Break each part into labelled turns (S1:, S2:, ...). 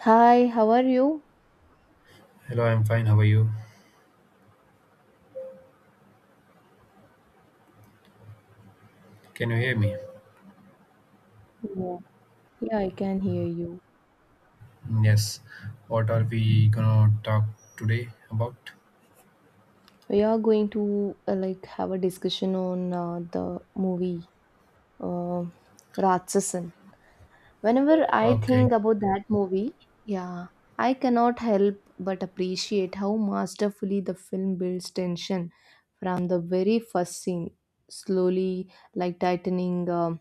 S1: Hi, how are you?
S2: Hello, I'm fine. How are you? Can you hear me?
S1: Yeah, I can hear you.
S2: Yes. What are we gonna talk today about?
S1: We are going to like have a discussion on the movie uh, Ratsasan. Whenever I
S2: Okay.
S1: think about that movie, yeah, I cannot help but appreciate how masterfully the film builds tension from the very first scene, slowly like tightening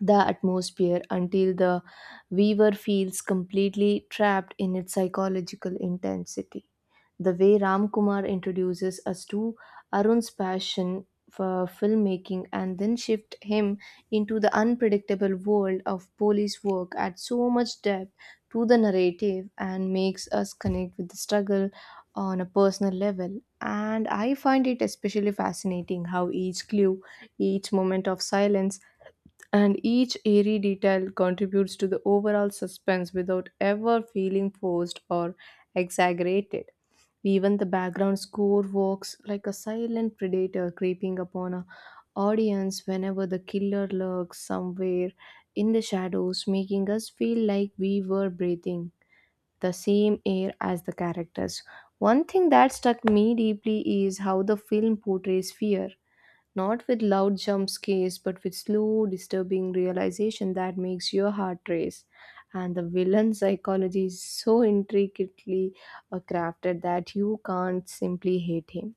S1: the atmosphere until the viewer feels completely trapped in its psychological intensity. The way Ram Kumar introduces us to Arun's passion for filmmaking and then shift him into the unpredictable world of police work adds so much depth to the narrative and makes us connect with the struggle on a personal level. And I find it especially fascinating how each clue, each moment of silence, and each eerie detail contributes to the overall suspense without ever feeling forced or exaggerated. Even the background score works like a silent predator creeping upon a audience whenever the killer lurks somewhere in the shadows, making us feel like we were breathing the same air as the characters. One thing that struck me deeply is how the film portrays fear not with loud jump scares, but with slow, disturbing realization that makes your heart race. And the villain psychology is so intricately crafted that you can't simply hate him.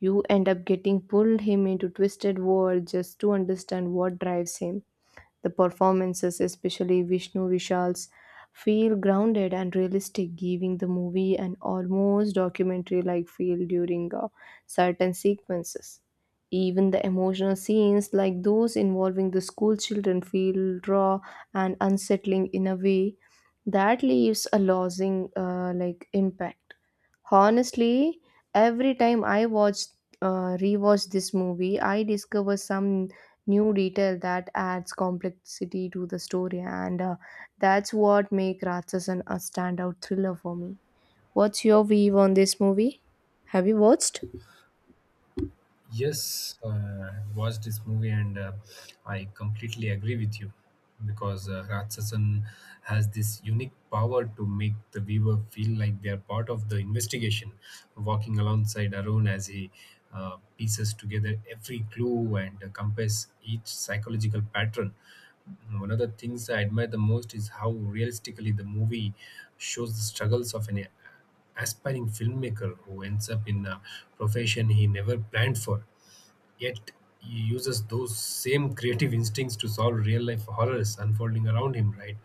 S1: You end up getting pulled him into twisted world just to understand what drives him the performances, especially Vishnu Vishal's, feel grounded and realistic, giving the movie an almost documentary like feel during certain sequences. Even the emotional scenes, like those involving the school children, feel raw and unsettling in a way that leaves a losing like impact. Honestly, every time I watch rewatch this movie, I discover some new detail that adds complexity to the story and that's what make Ratsasan a standout thriller for me. What's your view on this movie? Have you watched?
S2: Yes, I watched this movie and I completely agree with you because Ratsasan has this unique power to make the viewer feel like they are part of the investigation, walking alongside Arun as he pieces together every clue and compares each psychological pattern. One of the things I admire the most is how realistically the movie shows the struggles of an aspiring filmmaker who ends up in a profession he never planned for. Yet he uses those same creative instincts to solve real life horrors unfolding around him, right?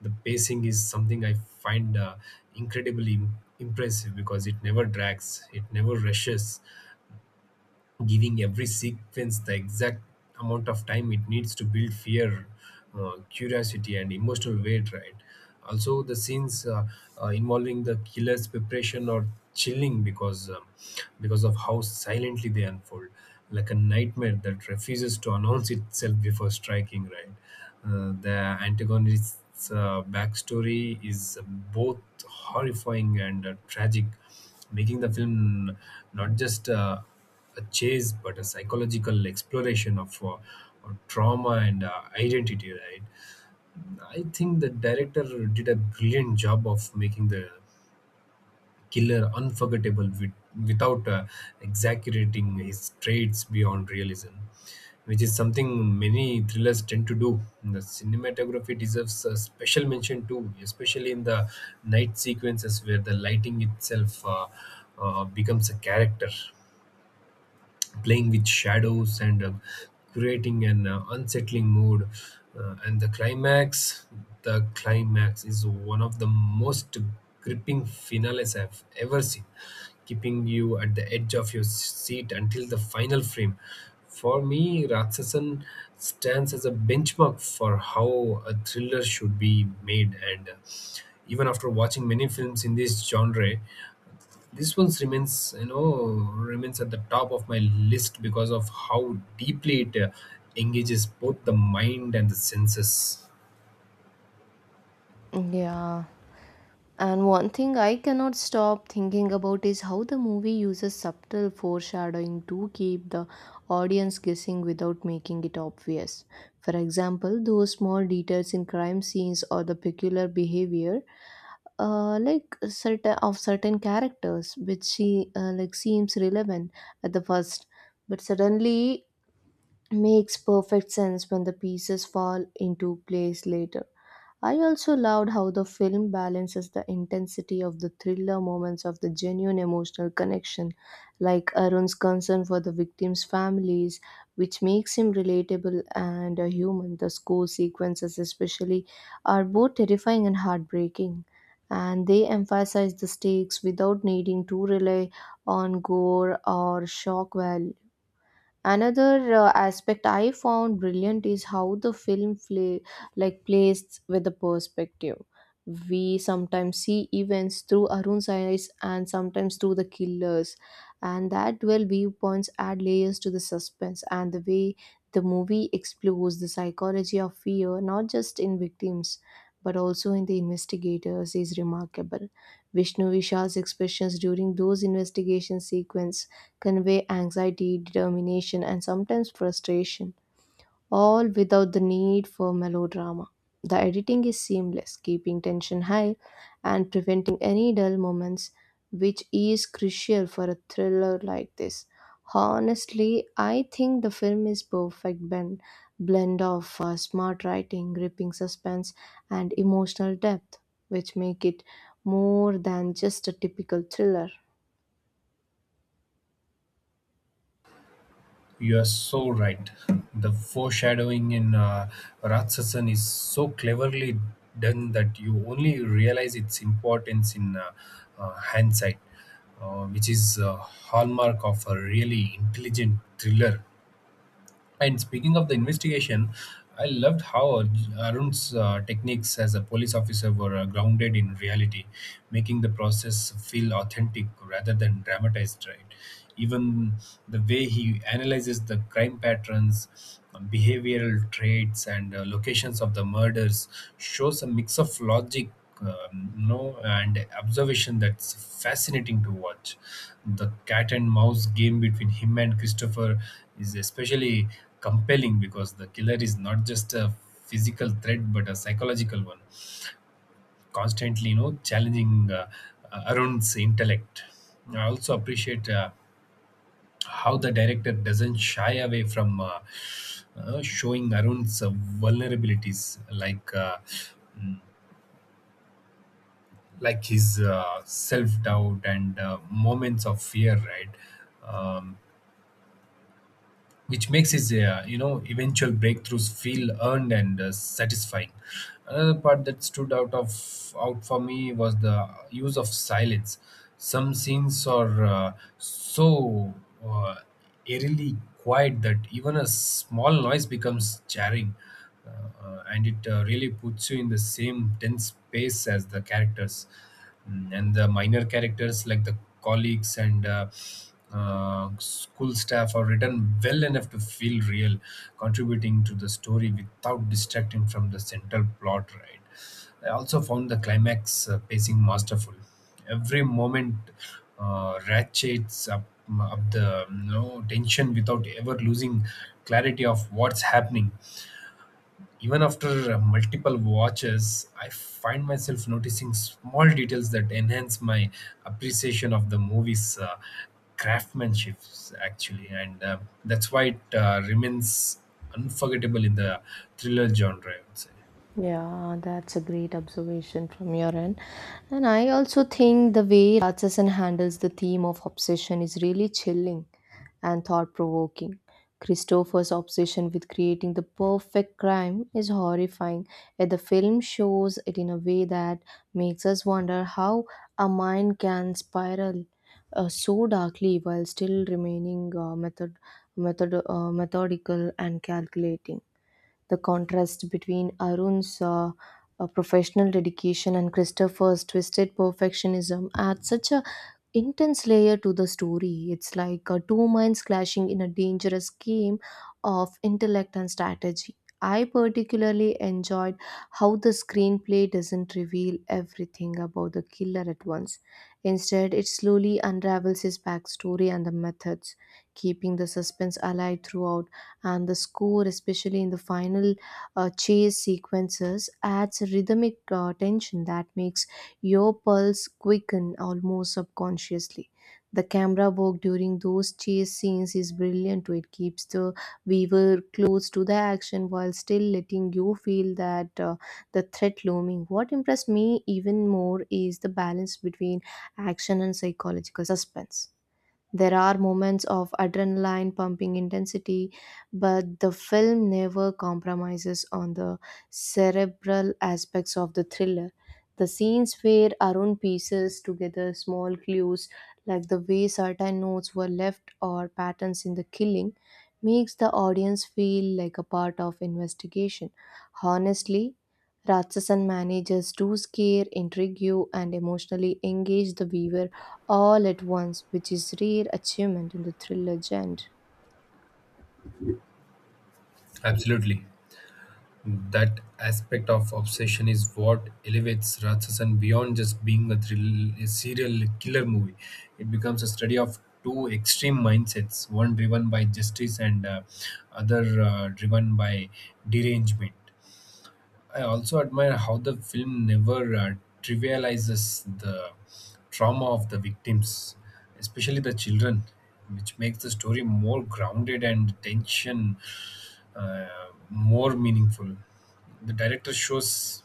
S2: The pacing is something I find incredibly impressive because it never drags, it never rushes, giving every sequence the exact amount of time it needs to build fear, curiosity and emotional weight, right? Also the scenes, involving the killer's preparation are chilling because of how silently they unfold, like a nightmare that refuses to announce itself before striking, right? The antagonist's backstory is both horrifying and tragic, making the film not just a chase but a psychological exploration of trauma and identity, right? I think the director did a brilliant job of making the killer unforgettable without exaggerating his traits beyond realism, which is something many thrillers tend to do. The cinematography deserves a special mention too, especially in the night sequences where the lighting itself becomes a character, playing with shadows and creating an unsettling mood. And the climax is one of the most gripping finales I've ever seen, keeping you at the edge of your seat until the final frame. For me, Raksasan stands as a benchmark for how a thriller should be made, and even after watching many films in this genre, this one's remains at the top of my list because of how deeply it engages both the mind and the senses.
S1: Yeah. And one thing I cannot stop thinking about is how the movie uses subtle foreshadowing to keep the audience guessing without making it obvious. For example, those small details in crime scenes or the peculiar behavior like certain characters which she like seems relevant at the first but suddenly makes perfect sense when the pieces fall into place later. I also loved how the film balances the intensity of the thriller moments of the genuine emotional connection, like Arun's concern for the victims' families, which makes him relatable and a human. The school sequences, especially, are both terrifying and heartbreaking, and they emphasize the stakes without needing to rely on gore or shock value. Another aspect I found brilliant is how the film plays with the perspective. We sometimes see events through Arun's eyes and sometimes through the killers, and that dual viewpoints add layers to the suspense, and the way the movie explores the psychology of fear not just in victims but also in the investigators is remarkable. Vishnu Vishal's expressions during those investigation sequence convey anxiety, determination, and sometimes frustration, all without the need for melodrama. The editing is seamless, keeping tension high and preventing any dull moments, which is crucial for a thriller like this. Honestly, I think the film is perfect blend of smart writing, gripping suspense, and emotional depth, which make it more than just a typical thriller.
S2: You are so right. The foreshadowing in Ratsasan is so cleverly done that you only realize its importance in hindsight, which is a hallmark of a really intelligent thriller. And speaking of the investigation, I loved how Arun's techniques as a police officer were grounded in reality, making the process feel authentic rather than dramatized. Right? Even the way he analyzes the crime patterns, behavioral traits, and locations of the murders shows a mix of logic. You know, and observation that's fascinating to watch. The cat and mouse game between him and Christopher is especially compelling because the killer is not just a physical threat but a psychological one, constantly, you know, challenging Arun's intellect. I also appreciate how the director doesn't shy away from showing Arun's vulnerabilities, like uh, mm, like his self doubt and moments of fear, right? Um, which makes his, you know, eventual breakthroughs feel earned and satisfying. Another part that stood out for me was the use of silence. Some scenes are so uh, eerily quiet that even a small noise becomes jarring, and it really puts you in the same tense space as the characters. Mm, and the minor characters, like the colleagues and school staff, are written well enough to feel real, contributing to the story without distracting from the central plot, right? I also found the climax pacing masterful. Every moment ratchets up the, you know, tension without ever losing clarity of what's happening. Even after multiple watches, I find myself noticing small details that enhance my appreciation of the movie's craftsmanship, actually. And that's why it remains unforgettable in the thriller genre, I would say.
S1: Yeah, that's a great observation from your end. And I also think the way Ratsasan handles the theme of obsession is really chilling and thought provoking. Christopher's obsession with creating the perfect crime is horrifying, yet the film shows it in a way that makes us wonder how a mind can spiral so darkly while still remaining methodical and calculating. The contrast between Arun's professional dedication and Christopher's twisted perfectionism adds such a intense layer to the story. It's like two minds clashing in a dangerous game of intellect and strategy. I particularly enjoyed how the screenplay doesn't reveal everything about the killer at once. Instead, it slowly unravels his backstory and the methods, keeping the suspense alive throughout. And the score, especially in the final chase sequences, adds a rhythmic tension that makes your pulse quickened almost subconsciously. The camera work during those chase scenes is brilliant. It keeps the viewer close to the action while still letting you feel that the threat looming. What impressed me even more is the balance between action and psychological suspense. There are moments of adrenaline pumping intensity, but the film never compromises on the cerebral aspects of the thriller. The scenes where Arun pieces together small clues, like the way certain notes were left or patterns in the killing, makes the audience feel like a part of investigation. Honestly, Ratsasan manages to scare, intrigue you, and emotionally engage the viewer all at once, which is rare achievement in the thriller genre.
S2: Absolutely. That aspect of obsession is what elevates Ratsasan beyond just being a serial killer movie. It becomes a study of two extreme mindsets, one driven by justice and other driven by derangement. I also admire how the film never trivializes the trauma of the victims, especially the children, which makes the story more grounded and tension uh, more meaningful. The director shows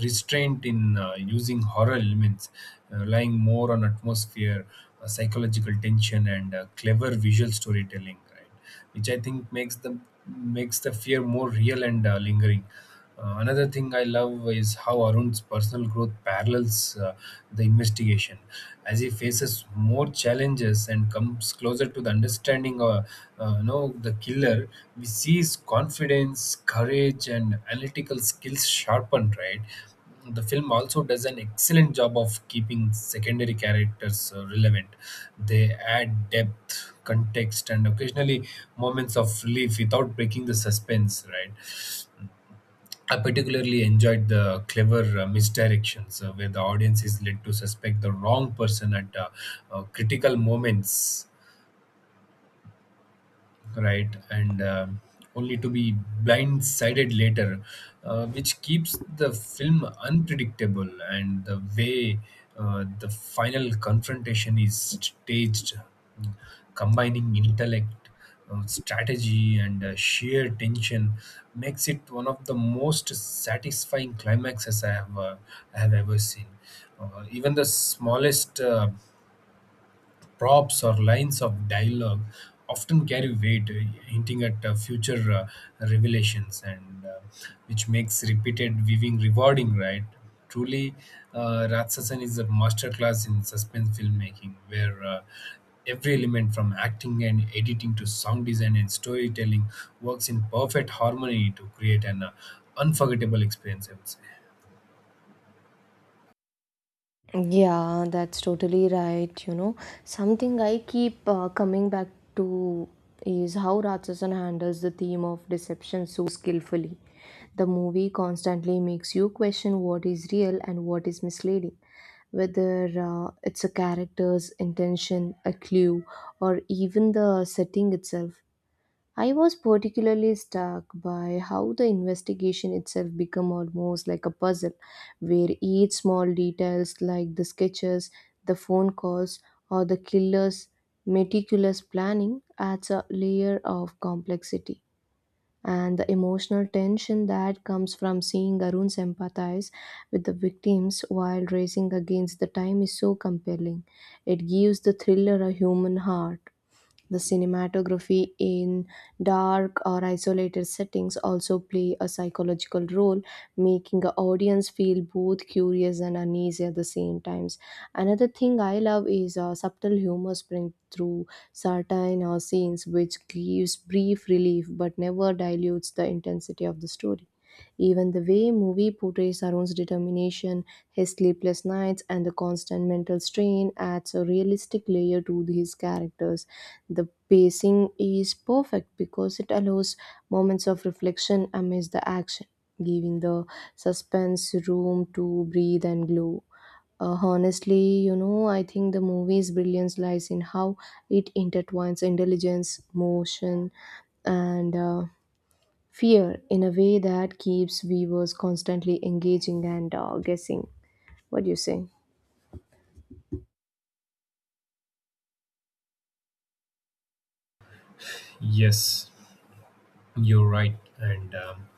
S2: restraint in using horror elements, relying more on atmosphere, psychological tension, and clever visual storytelling, right? Which I think makes the fear more real and lingering. Another thing I love is how Arun's personal growth parallels the investigation. As he faces more challenges and comes closer to the understanding of, you know, the killer, we see his confidence, courage and analytical skills sharpened, right? The film also does an excellent job of keeping secondary characters relevant. They add depth, context and occasionally moments of relief without breaking the suspense, right? I particularly enjoyed the clever misdirections, where the audience is led to suspect the wrong person at critical moments, right? And um, only to be blindsided later, which keeps the film unpredictable. And the way the final confrontation is staged, mm, combining intellect, strategy and sheer tension, makes it one of the most satisfying climaxes I have ever seen. Even the smallest props or lines of dialogue often carry weight, hinting at future revelations, and which makes repeated viewing rewarding, right? Truly, Ratsasan is a masterclass in suspense filmmaking, where every element, from acting and editing to sound design and storytelling, works in perfect harmony to create an unforgettable experience, I would say.
S1: Yeah, that's totally right. You know, something I keep coming back to is how Ratsasan handles the theme of deception so skillfully. The movie constantly makes you question what is real and what is misleading, whether it's a character's intention, a clue, or even the setting itself. I was particularly struck by how the investigation itself became almost like a puzzle, where each small details like the sketches, the phone calls, or the killer's meticulous planning adds a layer of complexity, and the emotional tension that comes from seeing Arun sympathize with the victims while racing against the time is so compelling. It gives the thriller a human heart. The cinematography in dark or isolated settings also play a psychological role, making the audience feel both curious and uneasy at the same times. Another thing I love is subtle humor spring through certain scenes, which gives brief relief but never dilutes the intensity of the story. Even the way movie portrays Arun's determination, his sleepless nights, and the constant mental strain adds a realistic layer to his characters. The pacing is perfect because it allows moments of reflection amidst the action, giving the suspense room to breathe and glow. Honestly, you know, I think the movie's brilliance lies in how it intertwines intelligence, motion, and fear in a way that keeps viewers constantly engaging and guessing. What do you say?
S2: Yes, you're right. And um,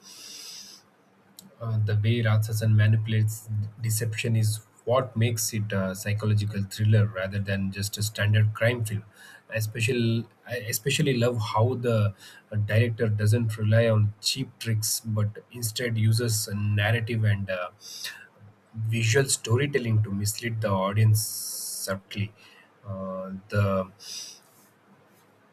S2: Uh, the way Ratsasan manipulates deception is what makes it a psychological thriller rather than just a standard crime film. I especially love how the director doesn't rely on cheap tricks but instead uses a narrative and visual storytelling to mislead the audience subtly. The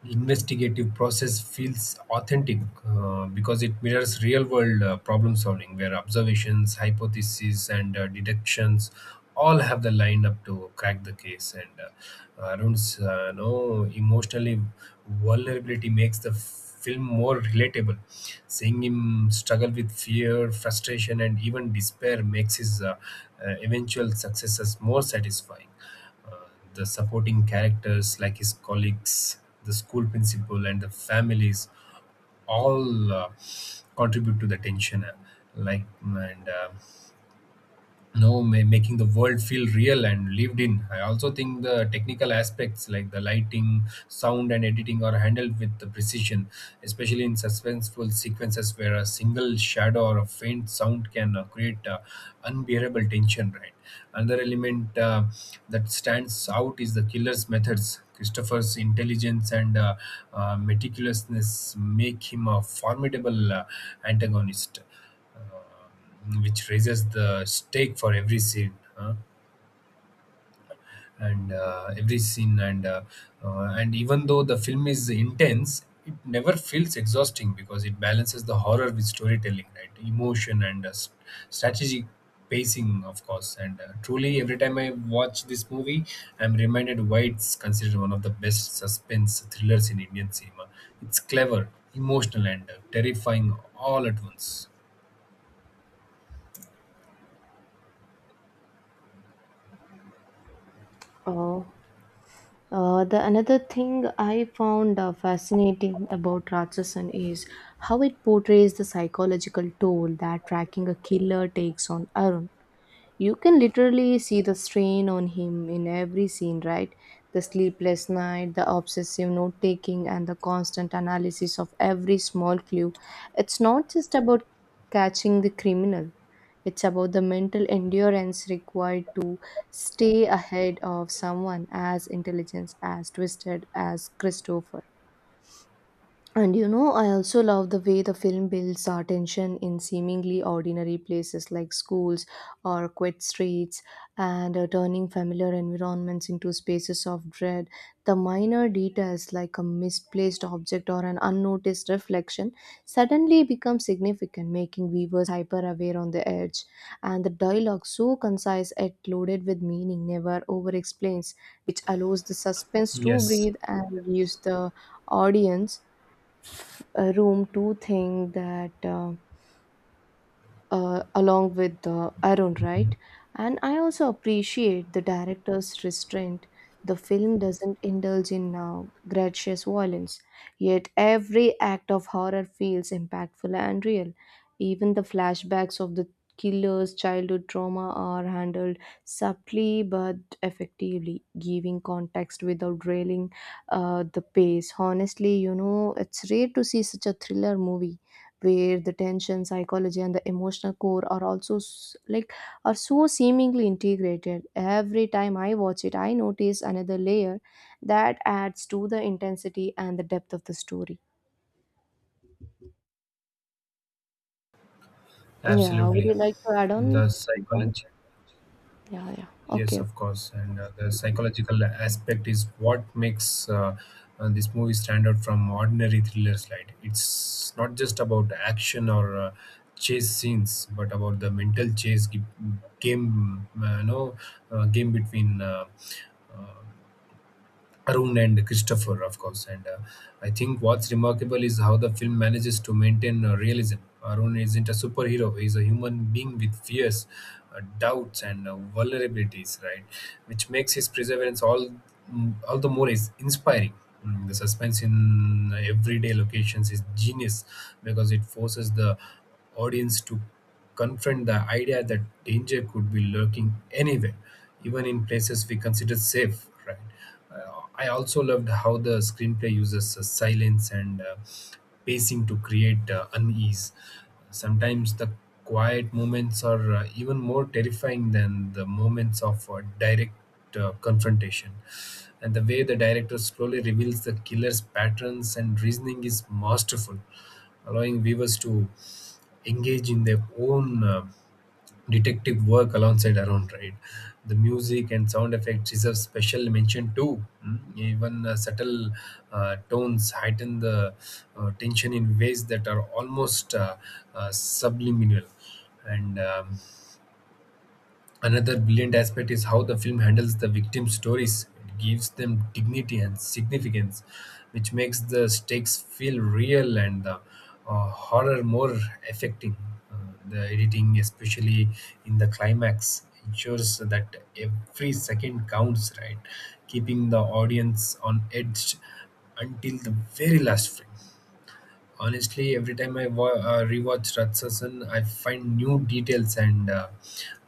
S2: investigative process feels authentic because it mirrors real world problem solving, where observations, hypotheses and deductions all have the lined up to crack the case. And Arun's no emotionally vulnerability makes the film more relatable. Seeing him struggle with fear, frustration and even despair makes his eventual successes more satisfying. Uh, the supporting characters, like his colleagues, the school principal, and the families, all contribute to the tension. Like and no ma- Making the world feel real and lived in. I also think the technical aspects, like the lighting, sound and editing, are handled with the precision, especially in suspenseful sequences where a single shadow or a faint sound can create unbearable tension, right? Another element that stands out is the killer's methods. Christopher's intelligence and meticulousness make him a formidable antagonist. Uh, which raises the stake for every scene, huh? and every scene and even though the film is intense, it never feels exhausting because it balances the horror with storytelling, right, emotion and strategic pacing, of course. And Truly, every time I watch this movie, I'm reminded why it's considered one of the best suspense thrillers in Indian cinema. It's clever, emotional and terrifying all at once.
S1: Oh, the another thing I found fascinating about Ratchasan is how it portrays the psychological toll that tracking a killer takes on Arun. You can literally see the strain on him in every scene, right? The sleepless night, the obsessive note taking, and the constant analysis of every small clue. It's not just about catching the criminal, it's about the mental endurance required to stay ahead of someone as intelligent as twisted as Christopher. And you know, I also love the way the film builds our tension in seemingly ordinary places like schools or quiet streets and turning familiar environments into spaces of dread. The minor details like a misplaced object or an unnoticed reflection suddenly become significant, making viewers hyper aware on the edge. And the dialogue, so concise yet loaded with meaning, never over explains, which allows the suspense to
S2: Yes.
S1: breathe and gives the audience room to think that along with Arun, right? And I also appreciate the director's restraint. The film doesn't indulge in gratuitous violence, yet every act of horror feels impactful and real. Even the flashbacks of the killer's childhood trauma are handled subtly but effectively, giving context without railing the pace. Honestly, you know, it's rare to see such a thriller movie where the tension psychology and the emotional core are also are so seemingly integrated. Every time I watch it I notice another layer that adds to the intensity and the depth of the story. Yeah, would
S2: Absolutely.
S1: you like to add on
S2: The
S1: some point?
S2: psychology,
S1: Yeah, yeah,
S2: yes,
S1: okay.
S2: of course, and the psychological aspect is what makes this movie stand out from ordinary thrillers. Right, it's not just about action or chase scenes, but about the mental chase gi- game, no, game between uh, Arun and Christopher, of course. And I think what's remarkable is how the film manages to maintain realism. Arun isn't a superhero, he's a human being with fears, doubts, and vulnerabilities, right? Which makes his all the more is inspiring. Mm, the suspense in everyday locations is genius because it forces the audience to confront the idea that danger could be lurking anywhere, even in places we consider safe, right? I also loved how the screenplay uses silence and pacing to create unease. Sometimes the quiet moments are even more terrifying than the moments of direct confrontation. And the way the director slowly reveals the killer's patterns and reasoning is masterful, allowing viewers to engage in their own detective work alongside Aaron. Right. The music and sound effects deserve special mention too. Mm, even subtle tones heighten the tension in ways that are almost subliminal. And Another brilliant aspect is how the film handles the victim stories. It gives them dignity and significance, which makes the stakes feel real and the horror more affecting. Uh, the editing, especially in the climax, ensures that every second counts, right? Keeping the audience on edge until the very last frame. Honestly, every time I rewatch Ratsasan, I find new details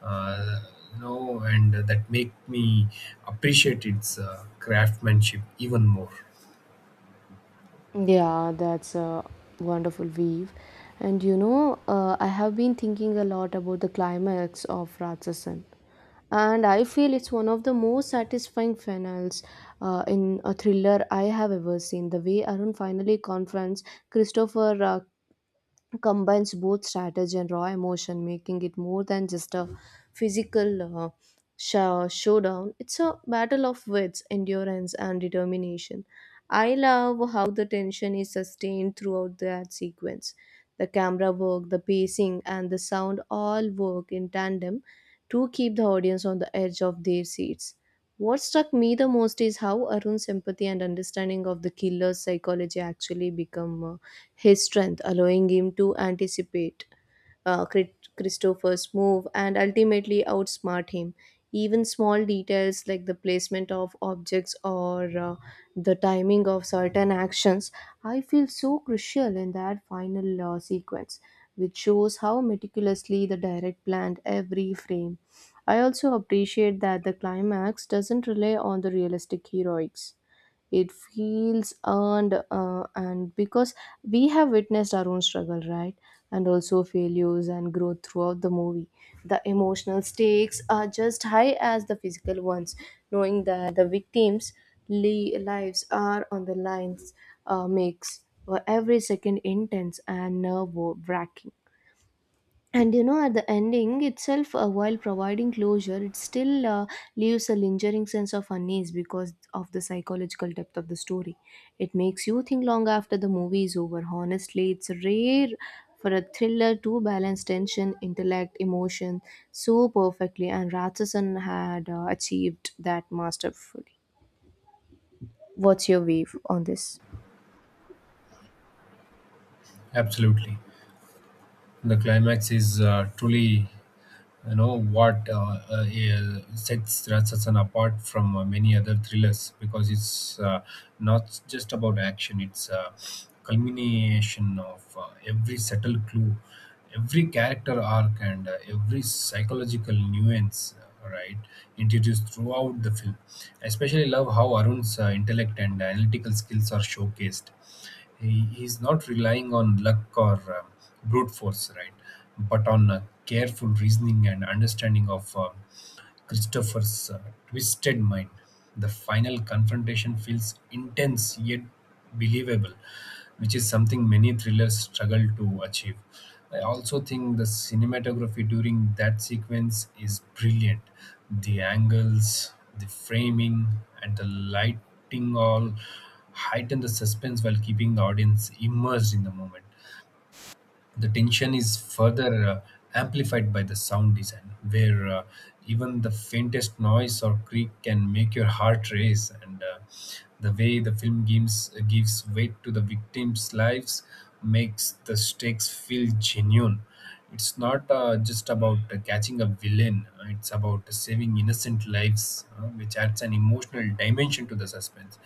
S2: uh, and that make me appreciate its craftsmanship even more.
S1: Yeah, that's a wonderful weave. And you know, I have been thinking a lot about the climax of Ratsasan, and I feel it's one of the most satisfying finals in a thriller I have ever seen. The way Arun finally confronts Christopher combines both strategy and raw emotion, making it more than just a physical showdown. It's a battle of wits, endurance, and determination. I love how the tension is sustained throughout that sequence. The camera work, the pacing, and the sound all work in tandem to keep the audience on the edge of their seats. What struck me the most is how Arun's empathy and understanding of the killer's psychology actually become his strength, allowing him to anticipate Christopher's move and ultimately outsmart him. Even small details like the placement of objects or the timing of certain actions, I feel so crucial in that final sequence, which shows how meticulously the direct planned every frame. I also appreciate that the climax doesn't rely on the realistic heroics. It feels earned and because we have witnessed our own struggle, right? And also failures and growth throughout the movie. The emotional stakes are just high as the physical ones, knowing that the victims' lives are on the lines makes every second intense and nerve wracking. And you know, at the ending itself while providing closure it still leaves a lingering sense of unease because of the psychological depth of the story. It makes you think long after the movie is over. Honestly, it's rare for a thriller to balance tension intellect emotion so perfectly, and Ratchasan had achieved that masterfully. What's your view on this?
S2: Absolutely, the climax is truly. You know what, sets Ratsasan apart from many other thrillers, because it's not just about action; it's a culmination of every subtle clue, every character arc, and every psychological nuance. Right, introduced throughout the film. I especially love how Arun's intellect and analytical skills are showcased. He's not relying on luck or um, brute force, right? But on careful reasoning and understanding of Christopher's twisted mind. The final confrontation feels intense yet believable, which is something many thrillers struggle to achieve. I also think the cinematography during that sequence is brilliant. The angles, the framing, and the lighting all heighten the suspense while keeping the audience immersed in the moment. The tension is further amplified by the sound design, where even the faintest noise or creak can make your heart race. And the way the film gives weight to the victims' lives makes the stakes feel genuine. It's not just about catching a villain; it's about saving innocent lives, which adds an emotional dimension to the suspense.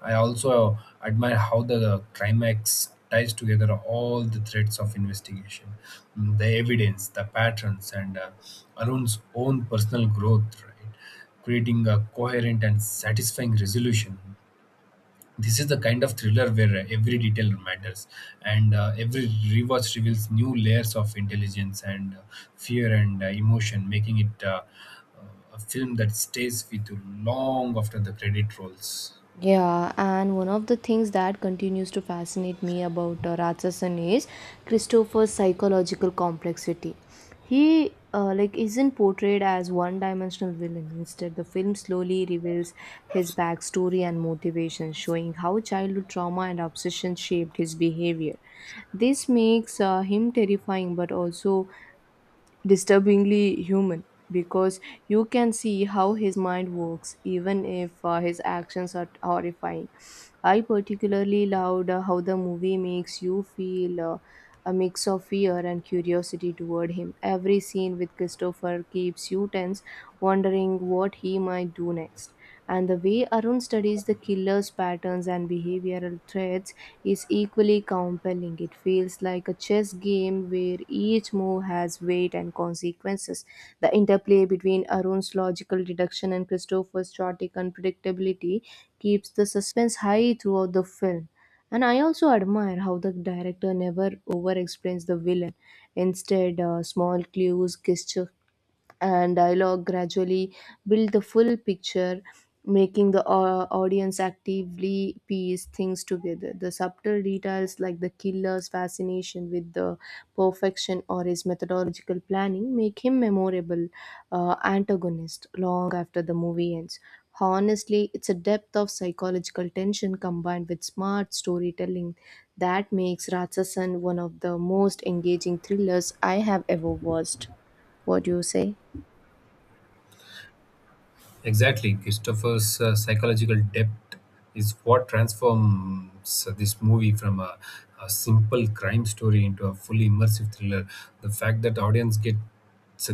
S2: I also admire how the climax ties together all the threads of investigation. Mm, the evidence, the patterns, and Arun's own personal growth, right? Creating a coherent and satisfying resolution. This is the kind of thriller where every detail matters, and every rewatch reveals new layers of intelligence and fear and emotion, making it a film that stays with you long after the credit rolls.
S1: Yeah, and one of the things that continues to fascinate me about Ratsasan is Christopher's psychological complexity. He isn't portrayed as one-dimensional villain. Instead, the film slowly reveals his backstory and motivation, showing how childhood trauma and obsession shaped his behavior. This makes him terrifying, but also disturbingly human because you can see how his mind works even if his actions are horrifying. I particularly loved how the movie makes you feel a mix of fear and curiosity toward him. Every scene with Christopher keeps you tense, wondering what he might do next. And the way Arun studies the killer's patterns and behavioral threats is equally compelling. It feels like a chess game where each move has weight and consequences. The interplay between Arun's logical deduction and Christopher's chaotic unpredictability keeps the suspense high throughout the film. And I also admire how the director never over explains the villain. Instead, small clues, gesture, and dialogue gradually build the full picture, making the audience actively piece things together. The subtle details like the killer's fascination with the perfection or his methodological planning make him memorable antagonist long after the movie ends. Honestly, it's a depth of psychological tension combined with smart storytelling that makes Ratsasan one of the most engaging thrillers I have ever watched. What do you say?
S2: Exactly, Christopher's psychological depth is what transforms this movie from a simple crime story into a fully immersive thriller. The fact that the audience gets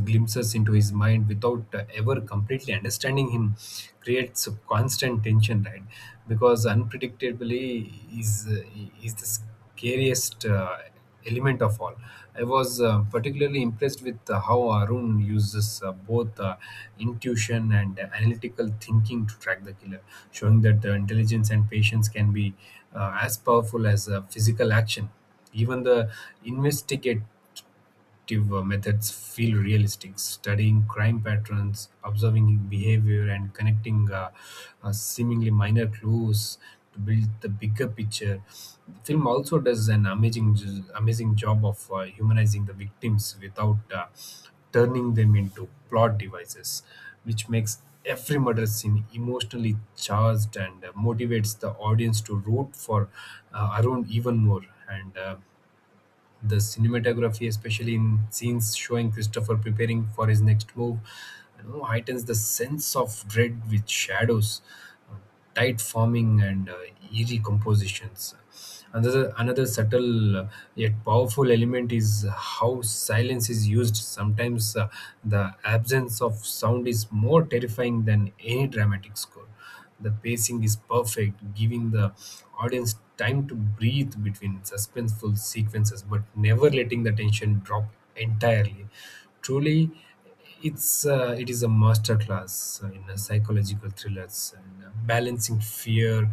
S2: glimpses into his mind without ever completely understanding him creates a constant tension, right? Because unpredictably is uh, is the scariest element of all. I was particularly impressed with how Arun uses both intuition and analytical thinking to track the killer, showing that the intelligence and patience can be as powerful as physical action. Even the investigate detective methods feel realistic. Studying crime patterns, observing behavior, and connecting seemingly minor clues to build the bigger picture. The film also does an amazing job of humanizing the victims without turning them into plot devices, which makes every murder scene emotionally charged and motivates the audience to root for Arun even more. And the cinematography, especially in scenes showing Christopher preparing for his next move, heightens the sense of dread with shadows, uh, tight forming, and eerie compositions. Another subtle yet powerful element is how silence is used. Sometimes the absence of sound is more terrifying than any dramatic score. The pacing is perfect, giving the audience time to breathe between suspenseful sequences, but never letting the tension drop entirely. Truly, it is a masterclass in psychological thrillers and balancing fear,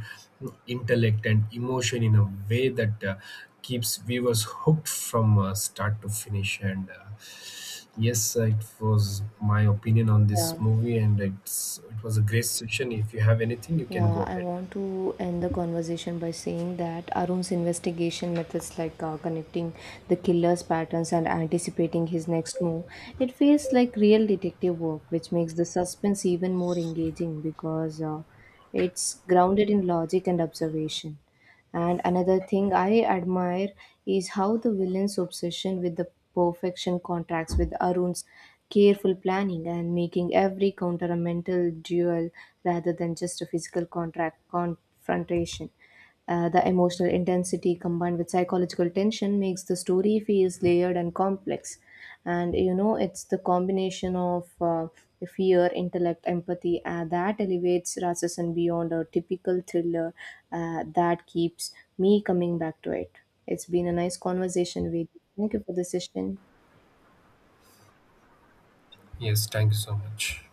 S2: intellect, and emotion in a way that keeps viewers hooked from start to finish. And yes, it was my opinion on this
S1: Yeah,
S2: movie, and it was a great session. If you have anything, you can go
S1: yeah. I
S2: ahead.
S1: want to end the conversation by saying that Arun's investigation methods, like connecting the killer's patterns and anticipating his next move, it feels like real detective work, which makes the suspense even more engaging because it's grounded in logic and observation. And another thing I admire is how the villain's obsession with the perfection contracts with Arun's careful planning and making every counter a mental duel rather than just a physical contract confrontation. The emotional intensity combined with psychological tension makes the story feels layered and complex. And you know, it's the combination of fear, intellect, empathy that elevates Rasasan beyond a typical thriller that keeps me coming back to it. It's been a nice conversation with you. Thank you for the session.
S2: Yes, thank you so much.